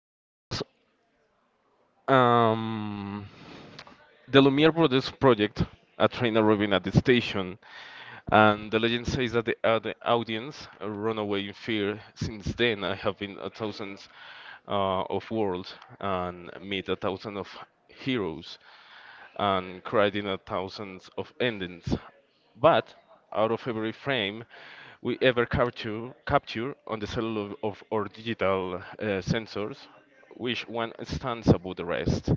the year was um, the Lumiere Brothers project, a train arriving at the station, and the legend says that the audience run away in fear. Since then, I have been a thousand of worlds and meet a thousand of heroes and cried in a thousands of endings. But out of every frame we ever capture on the cellular of, or digital sensors, which one stands above the rest?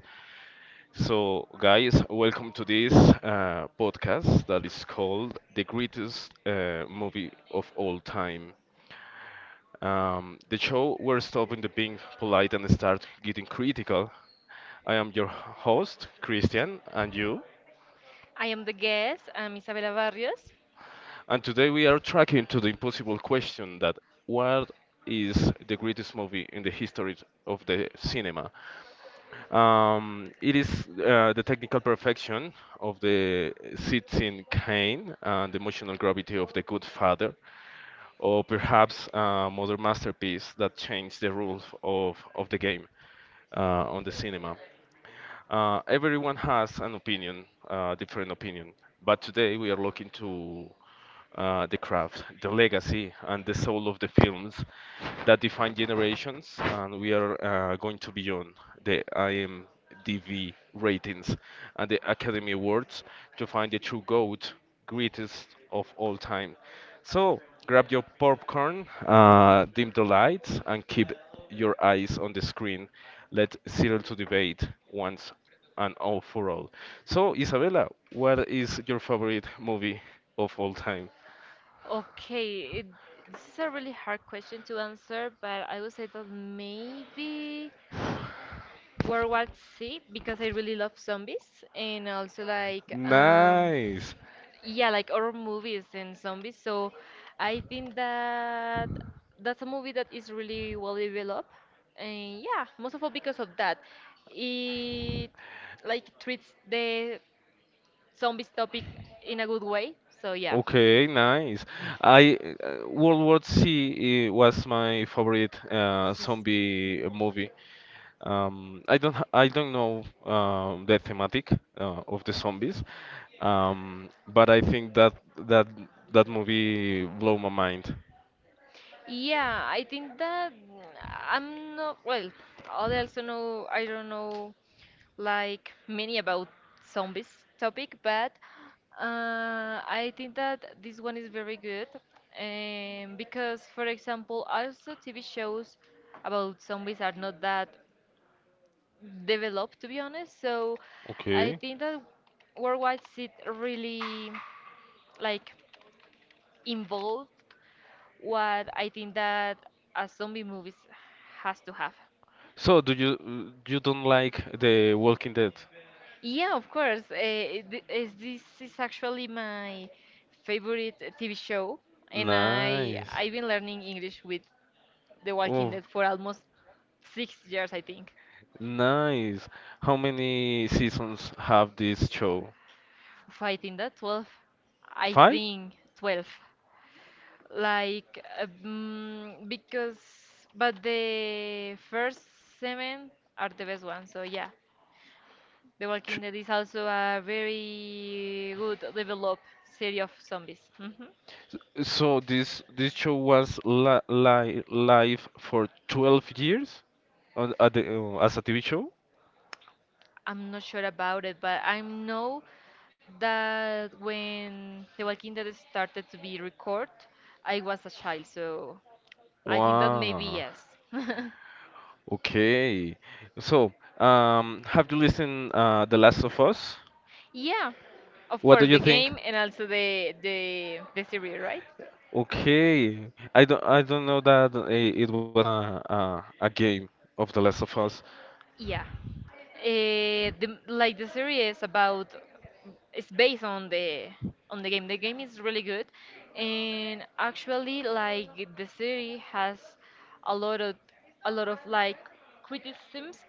So, guys, welcome to this podcast that is called The Greatest Movie of All Time. The show where stopping the being polite and start getting critical. I am your host, Christian, and you. I am the guest. I'm Isabela Barrios. And today we are tracking to the impossible question that what is the greatest movie in the history of the cinema? It is the technical perfection of the Citizen Kane and the emotional gravity of The Good Father, or perhaps a modern masterpiece that changed the rules of the game uh, on the cinema. Everyone has an opinion, different opinion, but today we are looking to the craft, the legacy, and the soul of the films that define generations, and we are going to beyond the IMDb ratings and the Academy Awards to find the true GOAT, greatest of all time. So grab your popcorn, dim the lights, and keep your eyes on the screen. Let settle to debate once and all for all. So, Isabella, what is your favorite movie of all time? Okay, it, this is a really hard question to answer, but I would say that maybe World War Z because I really love zombies and also Nice. yeah, like horror movies and zombies. So I think that that's a movie that is really well developed and yeah, most of all because of that. It like treats the zombies topic in a good way. So yeah. Okay, nice. I World War Z was my favorite Sus- zombie movie. I don't know the thematic of the zombies, but I think that that movie blew my mind. Yeah, I think that I'm not well. I also know I don't know like many about zombies topic, but I think that this one is very good because, for example, also TV shows about zombies are not that developed to be honest. So I Okay. think that Worldwide Seed really like involved what I think that a zombie movies has to have. So do you don't like The Walking Dead? Yeah, of course. Th is This is actually my favorite TV show, and I Nice. I've been learning English with The Walking Oh, Dead for almost 6 years, I think. nice. How many seasons have this show? If I think that 12, I Five? think 12. Like mm, because but the first seven are the best ones. So yeah, The Ch- Walking Dead is also a very good developed series of zombies. Hmm So this show was li li live for 12 years on, at as a TV show? I'm not sure about it, but I know that when The Walking Dead started to be recorded, I was a child, so I think that maybe Wow. yes. Okay. So, have you listened The Last of Us? Yeah, of What do course you the think? game and also the series, right? Okay, I don't know that it was a game of The Last of Us. Yeah. The series is about it's based on the game. The game is really good, and actually, like the series has a lot of a lot of criticisms,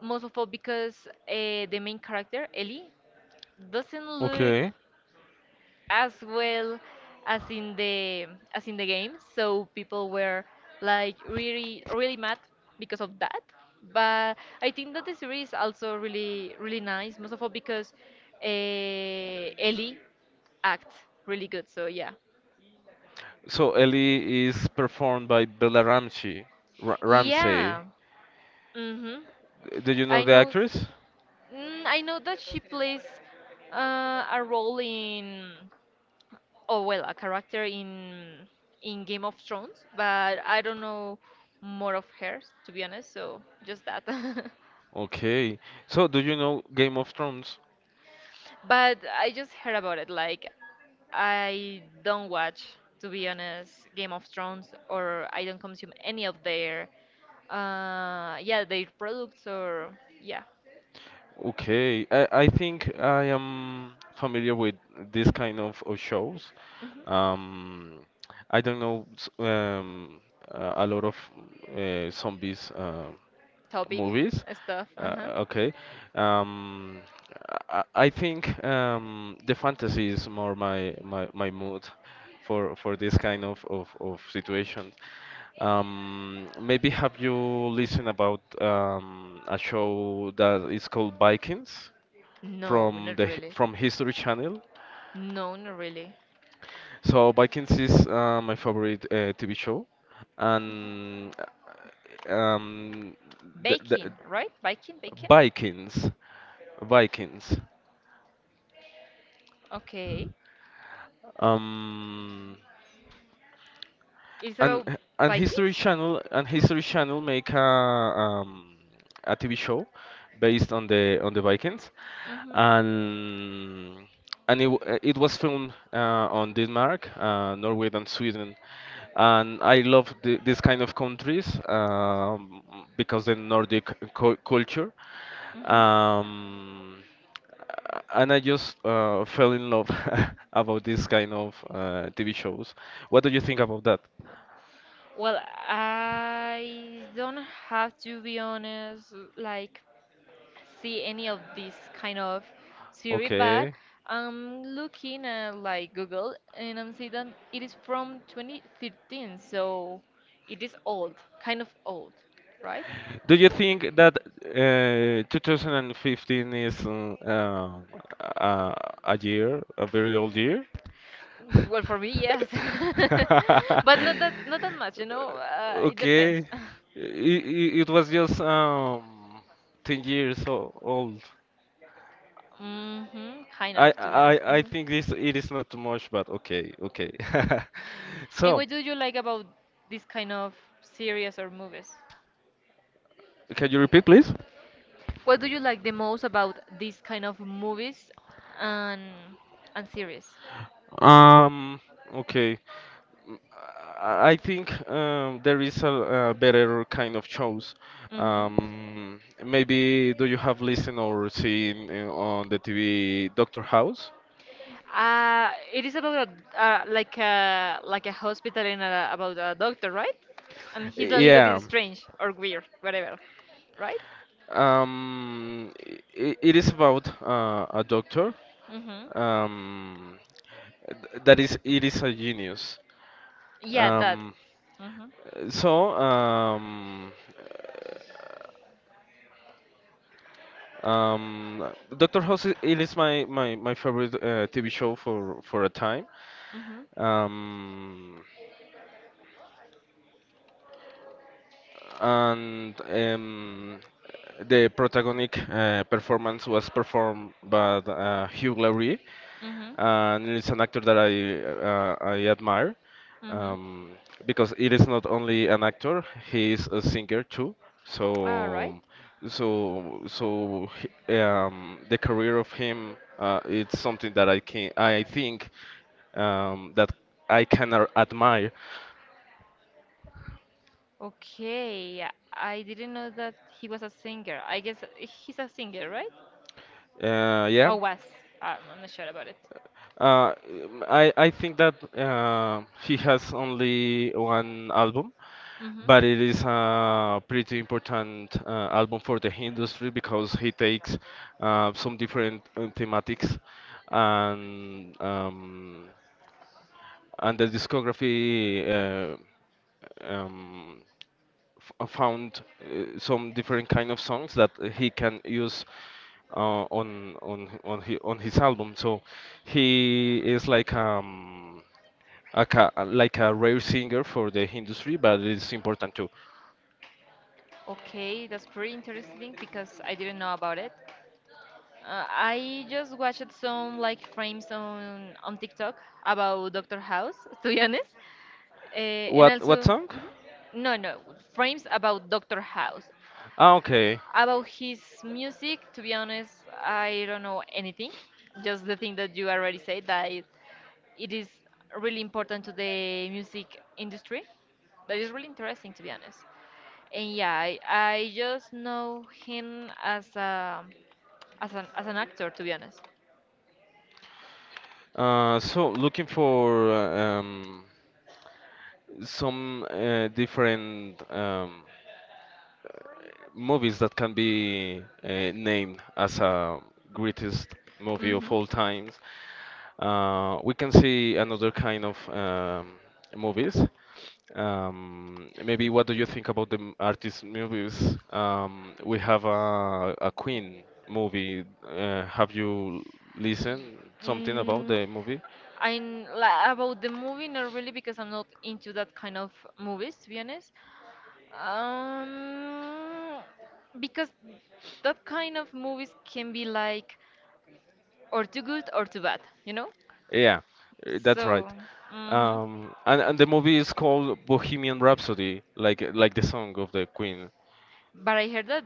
most of all because the main character Ellie doesn't look Okay, as well as in the game. So people were like really mad because of that. But I think that the series also really really nice, most of all because Ellie acts really good. So yeah, so Ellie is performed by Bella Ramsey. Ra Ramsey, yeah. Mhm. do you I know the know. actress? I know that she plays a role in. Oh well a character in Game of Thrones, but I don't know more of hers to be honest, so just that. Okay, so do you know Game of Thrones? But I just heard about it. Like I don't watch to be honest Game of Thrones or I don't consume any of their yeah, their products or yeah. Okay, I think I am familiar with this kind of shows. hmm Um, I don't know a lot of zombies Topic movies. stuff. Uh, Uh-huh. okay. Um, I think the fantasy is more my mood for this kind of situations. Maybe have you listened about a show that is called Vikings No, from not the really. from History Channel? No, not really. So Vikings is my favorite TV show, and uh, um, the Baking, right? Viking, baking? Vikings, Vikings. Okay. Um, It's and about Vikings? History Channel make a TV show based on the Vikings, Mhm. and it was filmed on Denmark, Norway, and Sweden, and I love this kind of countries because the Nordic culture. Mhm. Um, and I just fell in love about this kind of TV shows. What do you think about that? Well, I don't have to be honest, like see any of this kind of series, but Okay. I'm looking at like Google and I'm seeing that it is from 2013, so it is old, kind of old, right? Do you think that 2015 is um, a, a year, a very old year? Well, for me, yes, but not that much, you know. It Okay. depends. It was just 10 years old. hmm kind of, to be honest. I think this it is not too much, but okay, okay. And So, what do you like about this kind of series or movies? can you repeat, please? What do you like the most about this kind of movies and and series? Um, okay. I think there is a better kind of shows. Hmm Maybe do you have listened or seen on the TV Doctor House? It is about a, like a like a hospital and a, about a doctor, right? And he's a little Yeah, bit strange or weird, whatever, right? um, I it is about a doctor hmm um, that is it is a genius. Yeah, that. Um, Hmm so um, Doctor House it is my favorite TV show for a time. hmm Um, and the protagonistic performance was performed by Hugh Laurie, hmm and it's an actor that I admire hmm um, because it is not only an actor, he is a singer too. All right. So so so the career of him it's something that I think that I can admire. Okay, I didn't know that he was a singer. I guess he's a singer, right? Yeah, Or was. I'm not sure about it. Uh, I think that he has only one album, Mm-hmm. but it is a pretty important album for the industry because he takes some different thematics, and the discography um, f found some different kind of songs that he can use on on his album. So he is like like a rare singer for the industry, but it's important too. Okay, that's pretty interesting because I didn't know about it. I just watched some like frames on TikTok about Doctor House, to be honest, and What also song? mhm. No, no frames about Doctor House. Ah, okay. About his music, to be honest, I don't know anything. Just the thing that you already said that it is really important to the music industry. That is really interesting, to be honest. And yeah, I just know him as a as an actor, to be honest. So looking for some different movies that can be named as a greatest movie of Mm-hmm. all times. We can see another kind of movies. Maybe what do you think about the artist movies? We have a Queen movie. Have you listened something about Mm, the movie? I'm la about the movie, not really, because I'm not into that kind of movies, to be honest. Um, because that kind of movies can be like or too good or too bad, you know? Yeah, that's right. So, mhm. And the movie is called Bohemian Rhapsody, like the song of the Queen. But I heard that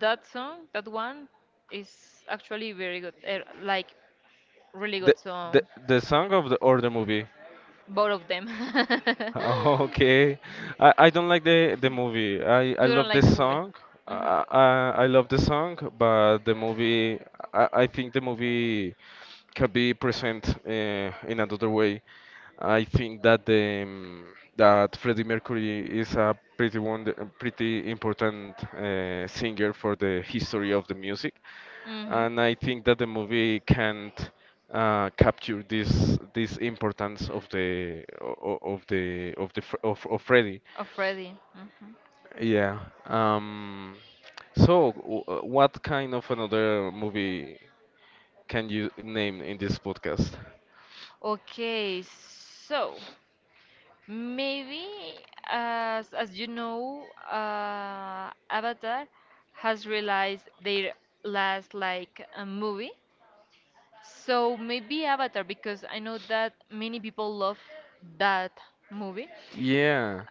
that song, that one, is actually very good. Really The good. So, the song of the or the movie? both of them. Okay, I don't like the movie. I You don't love the like the movie? song. Mm-hmm. I love the song, but the movie. I think the movie can be present in another way. I think that the that Freddie Mercury is a pretty important singer for the history of the music. Mm-hmm. And I think that the movie can't capture this importance of the o- o- of the Fr- of Freddy. Of Freddy. Mm-hmm. Yeah. Um, so, what kind of another movie can you name in this podcast? Okay, so maybe as you know, Avatar has realized their last like movie. So maybe Avatar, because I know that many people love that movie. Yeah.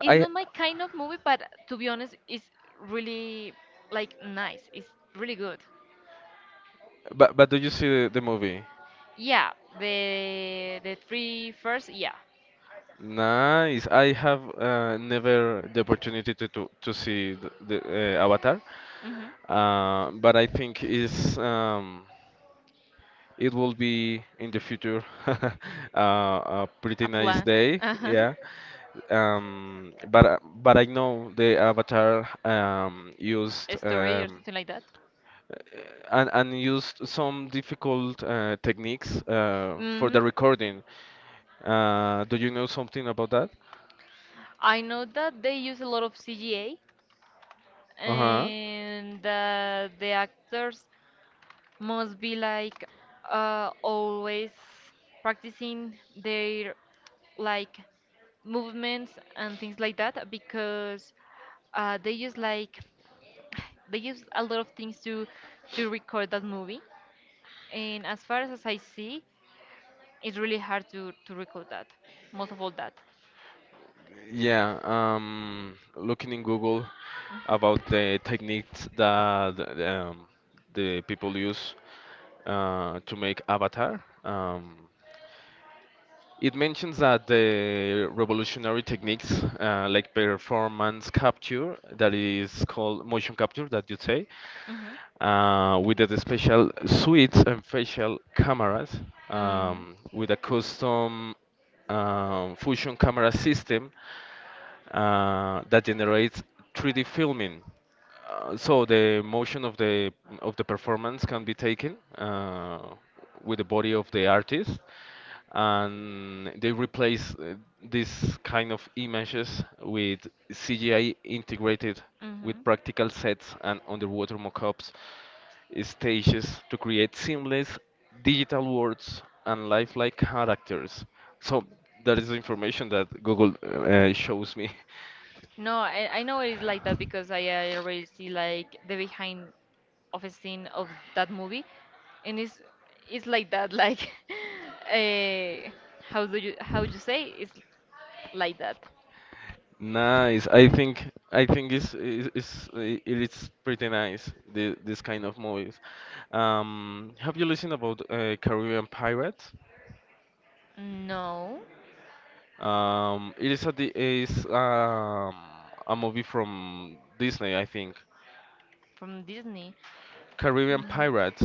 It's I not my kind of movie, but to be honest, it's really like nice. It's really good. But do you see the movie? Yeah, the three first, yeah. Nice. I have never the opportunity to see the Avatar, hmm but I think it's It will be in the future a pretty A nice plan, day, uh-huh. yeah. But I know the Avatar used A story or something like that. uh, and used some difficult techniques for Hmm the recording. Do you know something about that? I know that they use a lot of CGA Uh huh. and that the actors must be like always practicing their like movements and things like that because they use like they use a lot of things to record that movie, and as far as I see it's really hard to record that most of all that. Yeah, looking in Google about the techniques that the people use to make Avatar, it mentions that the revolutionary techniques like performance capture, that is called motion capture, that you say, Hmm with the special suites and facial cameras, hmm with a custom fusion camera system that generates 3D filming. So the motion of the performance can be taken with the body of the artist, and they replace this kind of images with CGI integrated with hmm practical sets and underwater mock-ups stages to create seamless digital worlds and lifelike characters. So that is the information that Google shows me. No, I know it is like that because I already see like the behind of a scene of that movie, and it's like that, like uh, how do you how you say it's like that? Nice. I think it's pretty nice this kind of movies. Have you listened about Caribbean Pirates? No. It is is a movie from Disney, I think. From Disney. Caribbean Mm, Pirates.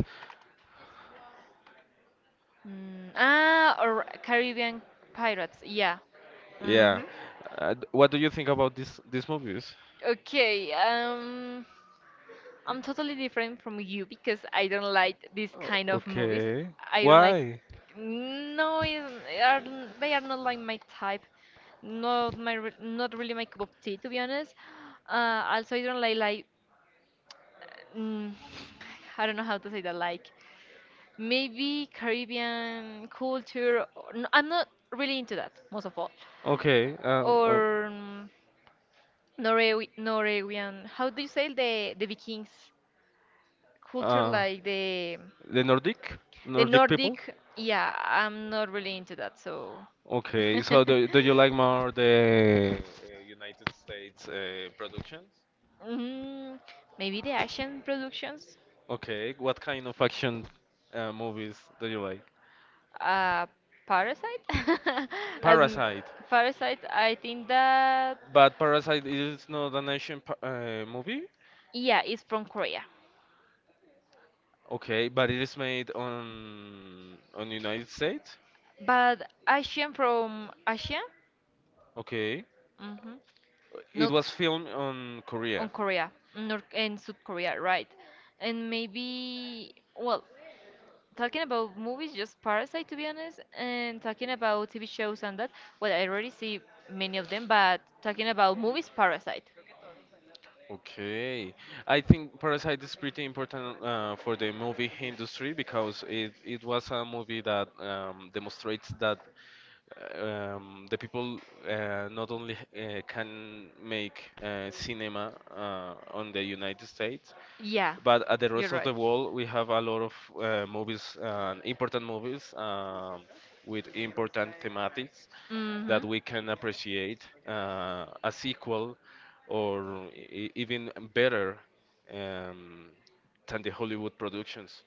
or Caribbean Pirates. Yeah. Yeah. hmm What do you think about this these movies? Okay. I'm totally different from you because I don't like this O- kind of movies. okay. I don't like. Why? No, it- they are not like my type. Not my re- not really my cup of tea to be honest. Also, I don't like like. Mm, I don't know how to say that. Like maybe Caribbean culture. Or- No, I'm not really into that most of all. Okay. Or Norwe Norwegian. How do you say the Vikings culture? uh, Like the Nordic the Nordic people. Nordic, yeah, I'm not really into that, so Okay, so do, do you like more the United States productions? mm, maybe the Asian productions. Okay, what kind of action movies do you like? Uh, Parasite? As m- Parasite. Parasite, I think that But Parasite is not an Asian pa movie? yeah, it's from Korea, Okay, but it is made on United States? but Asian from Asia, Okay. hmm It not was filmed on on Korea. Korea, not in South Korea, right? And maybe well, talking about movies, just Parasite to be honest, and talking about TV shows and that, well, I already see many of them, but talking about movies, Parasite. Okay, I think Parasite is pretty important for the movie industry because it was a movie that demonstrates that the people not only can make cinema on the United States, Yeah, but at the you're rest of right. the world, we have a lot of movies, important movies with important thematics Mm-hmm. that we can appreciate a sequel or even better um, than the Hollywood productions.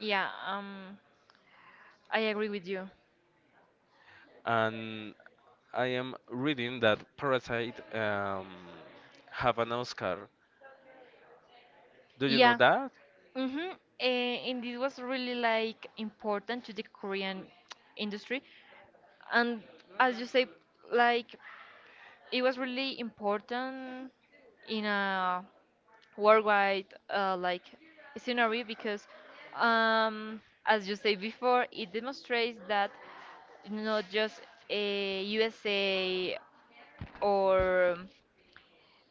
Yeah, I agree with you. And I am reading that Parasite have an Oscar. Do you know Yeah. that? Mm-hmm. And this was really like important to the Korean industry, and as you say, like it was really important in a worldwide like scenario because um, as you say before it demonstrates that not just a USA or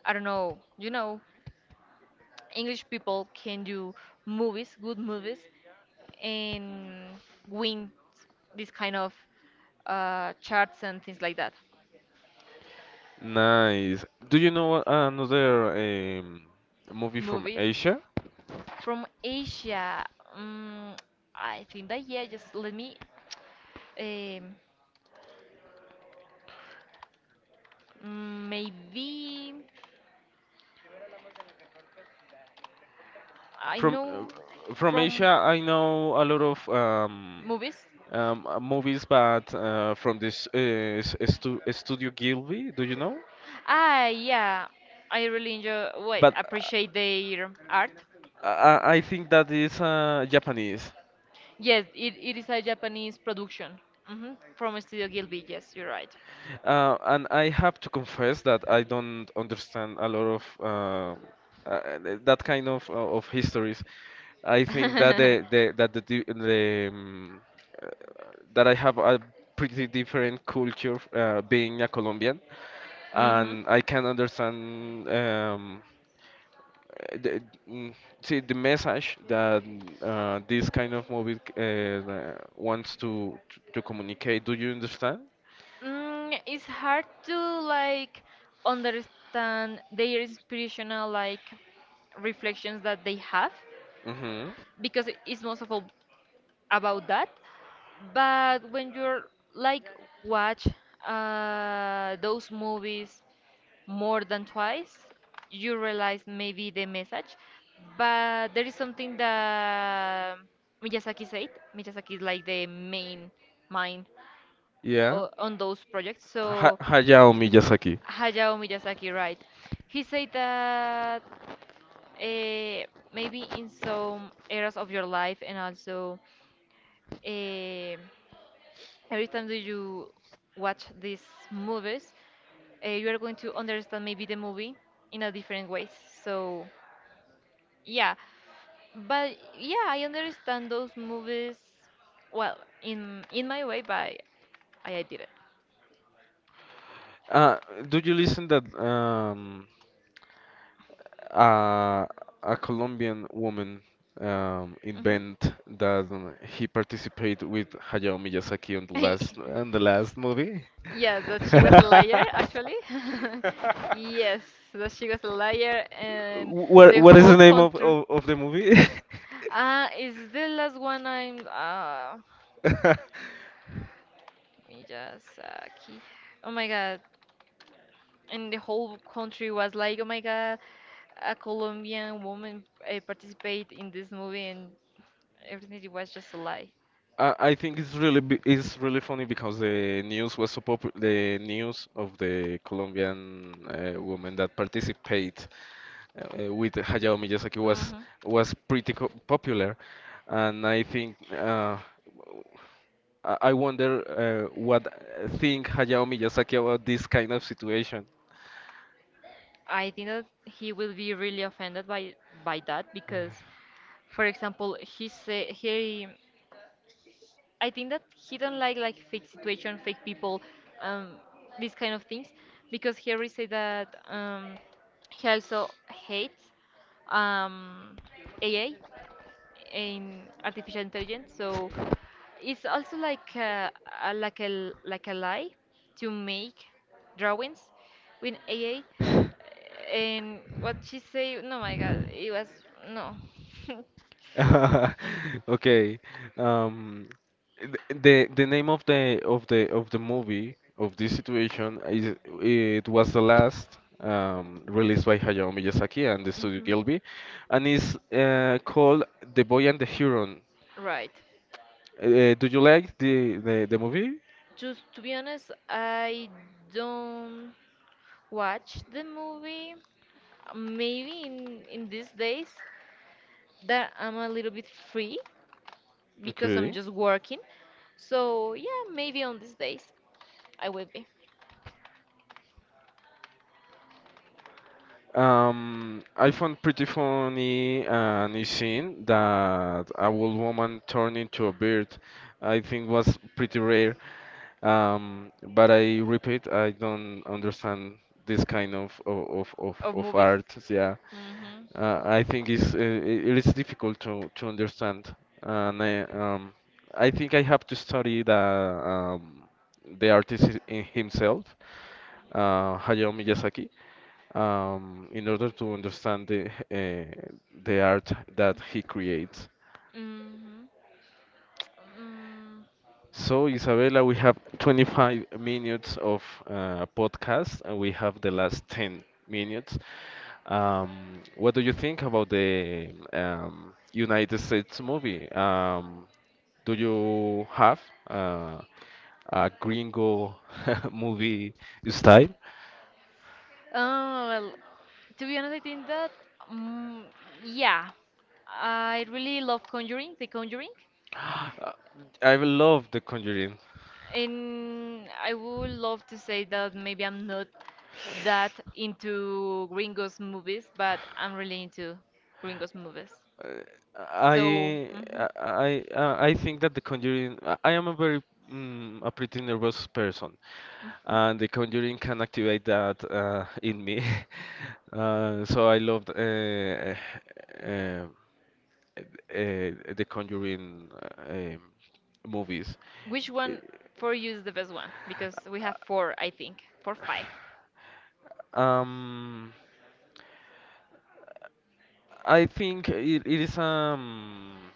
I don't know you know English people can do movies good movies and win this kind of charts and things like that Nice. Do you know another um, movie from movies Asia? from Asia. mm I think that yeah just let me um, Maybe I know From Asia, from I know a lot of movies. Movies, but from this Studio Gilby, do you know? Ah, yeah, I really enjoy, wait, But appreciate their art. I think that is Japanese. Yes, it is a Japanese production. Hmm From Studio Gilby, yes, you're right. And I have to confess that I don't understand a lot of uh, that kind of histories. I think that the that the, di- the uh, that I have a pretty different culture being a Colombian, hmm and I can understand uh, the, mm, see the message that this kind of movie wants to communicate. Do you understand? It's hard to like understand their inspirational like reflections that they have Hmm because it's most of all about that. But when you're like watch those movies more than twice, you realize maybe the message. But there is something that Miyazaki said. Miyazaki is like the main mind Yeah. On those projects. So Hayao Miyazaki. Hayao Miyazaki, right? He said that uh, maybe in some areas of your life and also. Uh, every time that you watch these movies, you are going to understand maybe the movie in a different way. So yeah, but yeah, I understand those movies well in my way, but I did it. Uh, do you listen that uh, a Colombian woman Hmm invent that he participated with Hayao Miyazaki on the last movie? Yeah, that she was a liar actually. Yes, that she was a liar, and What the what is whole the name country. Of the movie? Ah, is the last one I'm. Let me just key. Oh my god. And the whole country was like, "Oh my God, a Colombian woman participate in this movie," and everything it was just a lie. I think it's it's really funny because the news was so popular. The news of the Colombian woman that participate uh, with Hayao Miyazaki Hmm was pretty co popular, and I think I wonder what think Hayao Miyazaki about this kind of situation. I think that he will be really offended by that because, for example, he say he I think that he don't like fake situation, fake people, um, these kind of things, because Harry said that he also hates um, AA in artificial intelligence. So it's also like a like a l- like a lie to make drawings with AI. And what she say? No, my God, it was no. Okay. Um, the name of the of the movie of this situation is it was the last released by Hayao Miyazaki and the studio hmm Gilby, and is called The Boy and the Huron. Right. Do you like the movie? Just to be honest, I don't watch the movie. Maybe in these days that I'm a little bit free because I'm Okay. just working. So yeah, maybe on these days. I will be. I found pretty funny an scene that a old woman turned into a bird. I think was pretty rare. But I repeat, I don't understand this kind Of of movies. art. Yeah, Mhm. I think it is difficult to understand, and I think I have to study the the artist in himself, Hayao Miyazaki, in order to understand the art that he creates. Mhm. Mm. So, Isabella, we have 25 minutes of podcast and we have the last 10 minutes. What do you think about the United States movie? Do you have uh, a gringo movie style? Oh well, to be honest, I think that mm, yeah, I really love Conjuring, The Conjuring, Uh, I will love The Conjuring. and I would love to say that maybe I'm not that into Gringos movies, but I'm really into Gringos movies. Uh, So, I mhm, I I I think that the Conjuring. I am a very a pretty nervous person, mhm. and the Conjuring can activate that in me. So I loved the Conjuring movies. Which Uh, one for you is the best one? Because we have four, I think, four, five. Um, I think it is um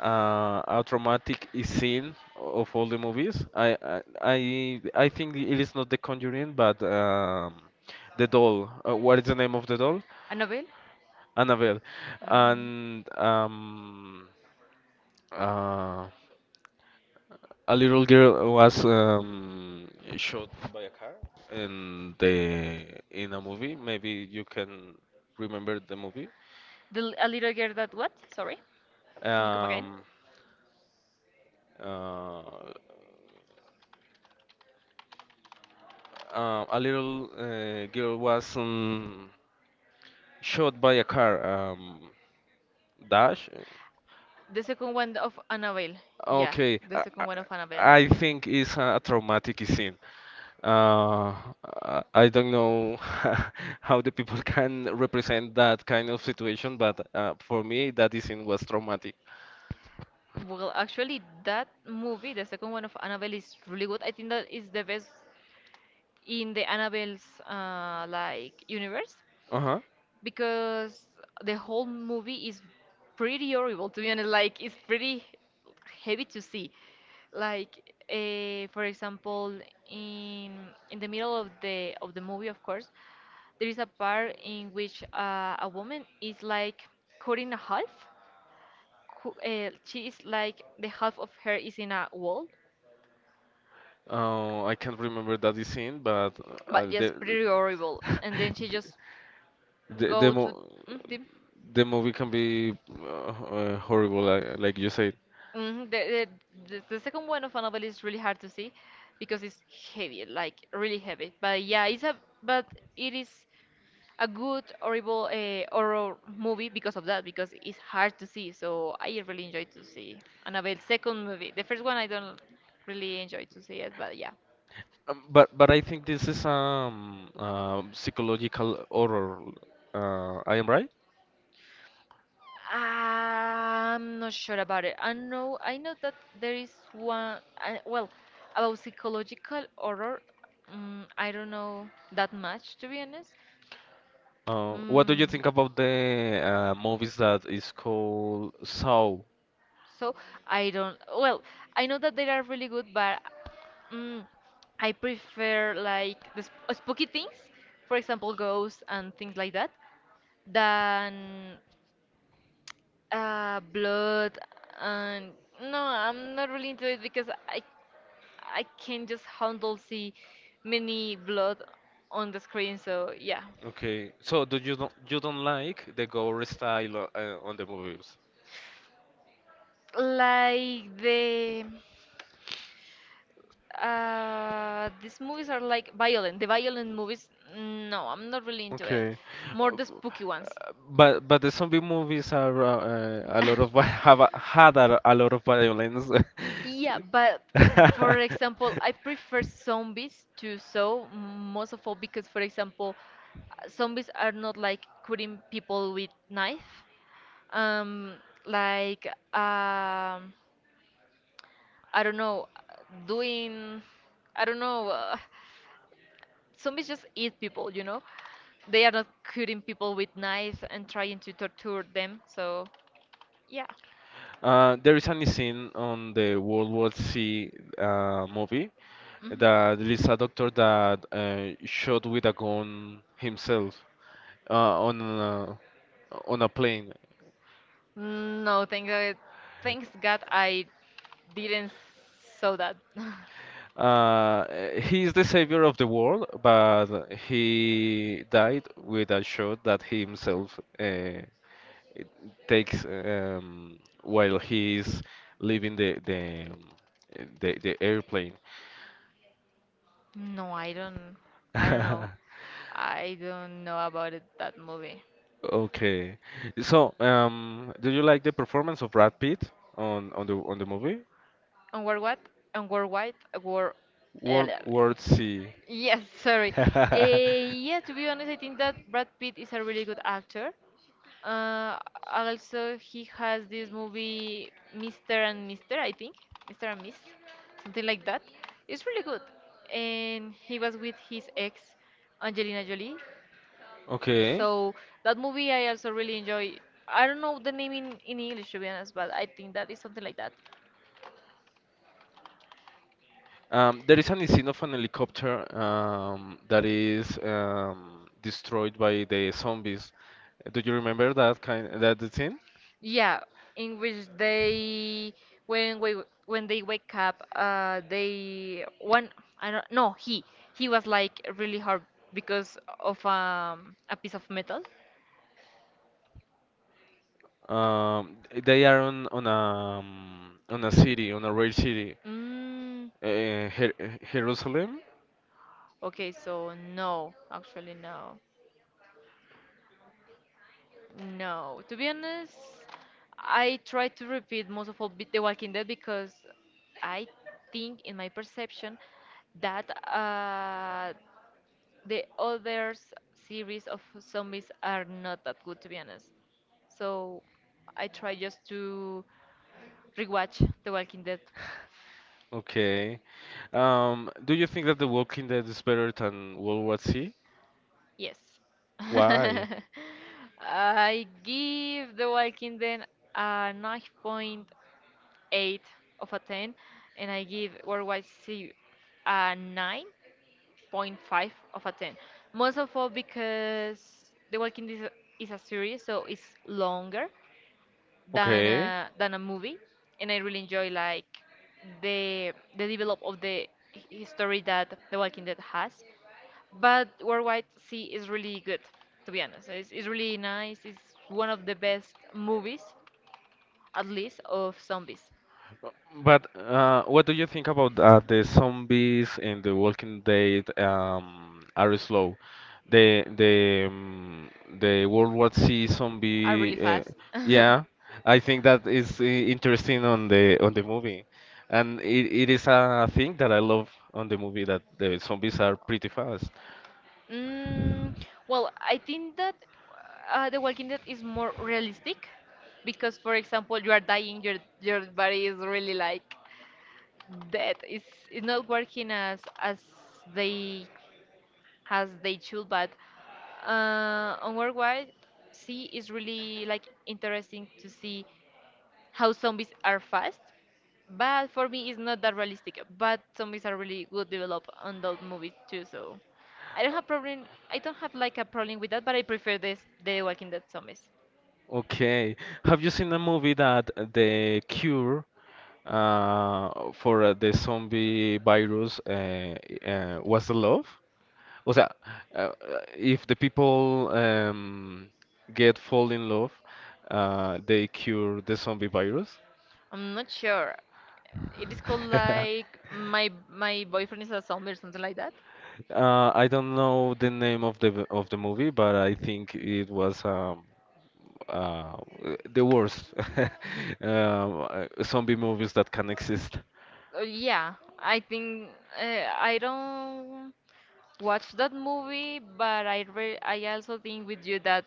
uh, a traumatic scene of all the movies. I think it is not The Conjuring, but the doll. What is the name of the doll? Annabelle. Annabelle. And uh, a little girl was shot by a car in the in a movie. Maybe you can remember the movie. A little girl that what? Sorry. Can you come again? Um, uh, a little girl was shot by a car dash. The second one of Annabelle. Yeah, Okay, the second one of Annabelle. I think it's a traumatic scene. Uh, I don't know how the people can represent that kind of situation, but for me, that scene was traumatic. That movie, the second one of Annabelle, is really good. I think that is the best in the Annabelle's like universe, Uh-huh. because the whole movie is pretty horrible. To be honest, like, it's pretty heavy to see. Like, for example, in in the middle of the movie, of course, there is a part in which a woman is like cut in half. She is like, the half of her is in a wall, I can't remember that scene, but uh, but the, just pretty horrible. And then she just the the go mo to mm, the, the movie can be horrible, like you said. mm, the, the the second one of a novel is really hard to see because it's heavy, like really heavy. But yeah, it's a, but it is a good horrible horror movie because of that, because it's hard to see. So I really enjoy to see Annabelle second movie. The first one I don't really enjoy to see it, but yeah. But I think this is psychological horror. I am right? I'm not sure about it. I know that there is one, I, well, about psychological horror. I don't know that much, to be honest. What do you mm, think about the movies that is called Saw? So I don't. Well, I know that they are really good, but mm, I prefer like the spooky things, for example, ghosts and things like that, than blood. And no, I'm not really into it because I can just handle see many blood on the screen. So yeah. Okay, so do you don't like the gore style on the movies? like the these movies are like violent. The violent movies, no, I'm not really into it. Okay. More Uh, the spooky ones. but the zombie movies are a lot of had a lot of violence. Yeah, but for example, I prefer zombies to so most of all because, for example, zombies are not like cutting people with knife. Um, like um, I don't know, doing I don't know. Zombies just eat people, you know? They are not cutting people with knives and trying to torture them. So, yeah. There is a scene on the World War C movie hmm that there is a doctor that shot with a gun himself uh, on a, on a plane. No, thank God, thanks God I didn't saw that. Uh, he is the savior of the world, but he died with a shot that he himself takes while he is leaving the airplane. No, I don't. I don't know. I don't know about it, that movie. Okay. So, do you like the performance of Brad Pitt on the movie And War what? And War White? War. World Sea? Yes, sorry. Eh, yeah, to be honest, I think that Brad Pitt is a really good actor. Uh, Also, he has this movie Mr. and Mr., I think. Mr. and Miss, something like that. It's really good. And he was with his ex, Angelina Jolie. Okay. So that movie I also really enjoy. I don't know the name in English, to be honest, but I think that is something like that. There is an scene of an helicopter that is destroyed by the zombies. Do you remember that scene? Yeah, in which they, when we when they wake up, they one I don't, no, he he was like really hard because of a piece of metal. Um, they are on a city, on a rail city, Mm, uh, Jer Jerusalem. okay, so no, actually no, no. To be honest, I try to repeat most of all The Walking Dead because I think, in my perception, that the others series of zombies are not that good, to be honest. So I try just to rewatch The Walking Dead. Okay. Do you think that The Walking Dead is better than World War Z? Yes. Why? I give The Walking Dead a 9.8 of a 10, and I give Worldwide Sea a 9.5 of a 10. Most of all because The Walking Dead is a, is a series, so it's longer than Okay. A movie, and I really enjoy like the develop of the history that The Walking Dead has. But Worldwide Sea is really good, to be honest. It's really nice. It's one of the best movies, at least of zombies. But what do you think about the zombies in The Walking Dead are slow? The the World War Z Are zombie, really fast. yeah, I think that is interesting on the movie, and it is a thing that I love on the movie that the zombies are pretty fast. Mm, well, I think that The Walking Dead is more realistic because, for example, you are dying, your body is really like, that is not working they as they should. But on worldwide see is really like interesting to see how zombies are fast, but for me it's not that realistic. But zombies are really good developed on those movies too, so I don't have problem, I don't have like a problem with that, but I prefer this the walking dead zombies. Okay. Have you seen a movie that the cure for the zombie virus was the love? O sea, uh, if the people get fall in love, they cure the zombie virus. I'm not sure. It is called like my boyfriend is a zombie or something like that. I don't know the name of of the movie, but I think it was uh, the worst zombie movies that can exist. Yeah, I think I don't watch that movie, but I also think with you that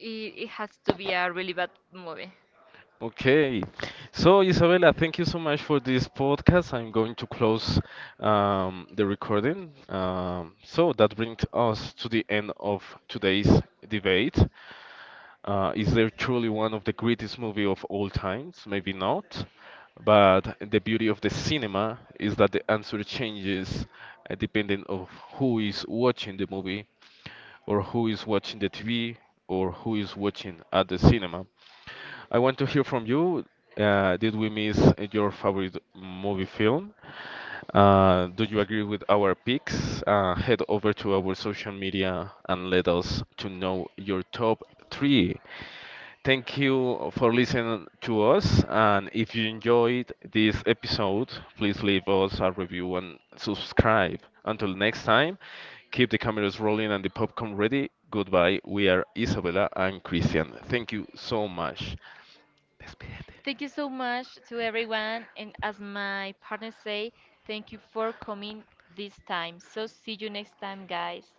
it has to be a really bad movie. Okay, so Isabella, thank you so much for this podcast. I'm going to close the recording. So that brings us to the end of today's debate. Is there truly one of the greatest movie of all times? Maybe not. But the beauty of the cinema is that the answer changes depending of who is watching the movie or who is watching the TV or who is watching at the cinema. I want to hear from you. Did we miss your favorite movie film? Do you agree with our picks? Head over to our social media and let us to know your top three. Thank you for listening to us. And if you enjoyed this episode, please leave us a review and subscribe. Until next time, keep the cameras rolling and the popcorn ready. Goodbye. We are Isabella and Christian. Thank you so much. Despídete. Thank you so much to everyone, and as my partners say, thank you for coming this time. So see you next time, guys.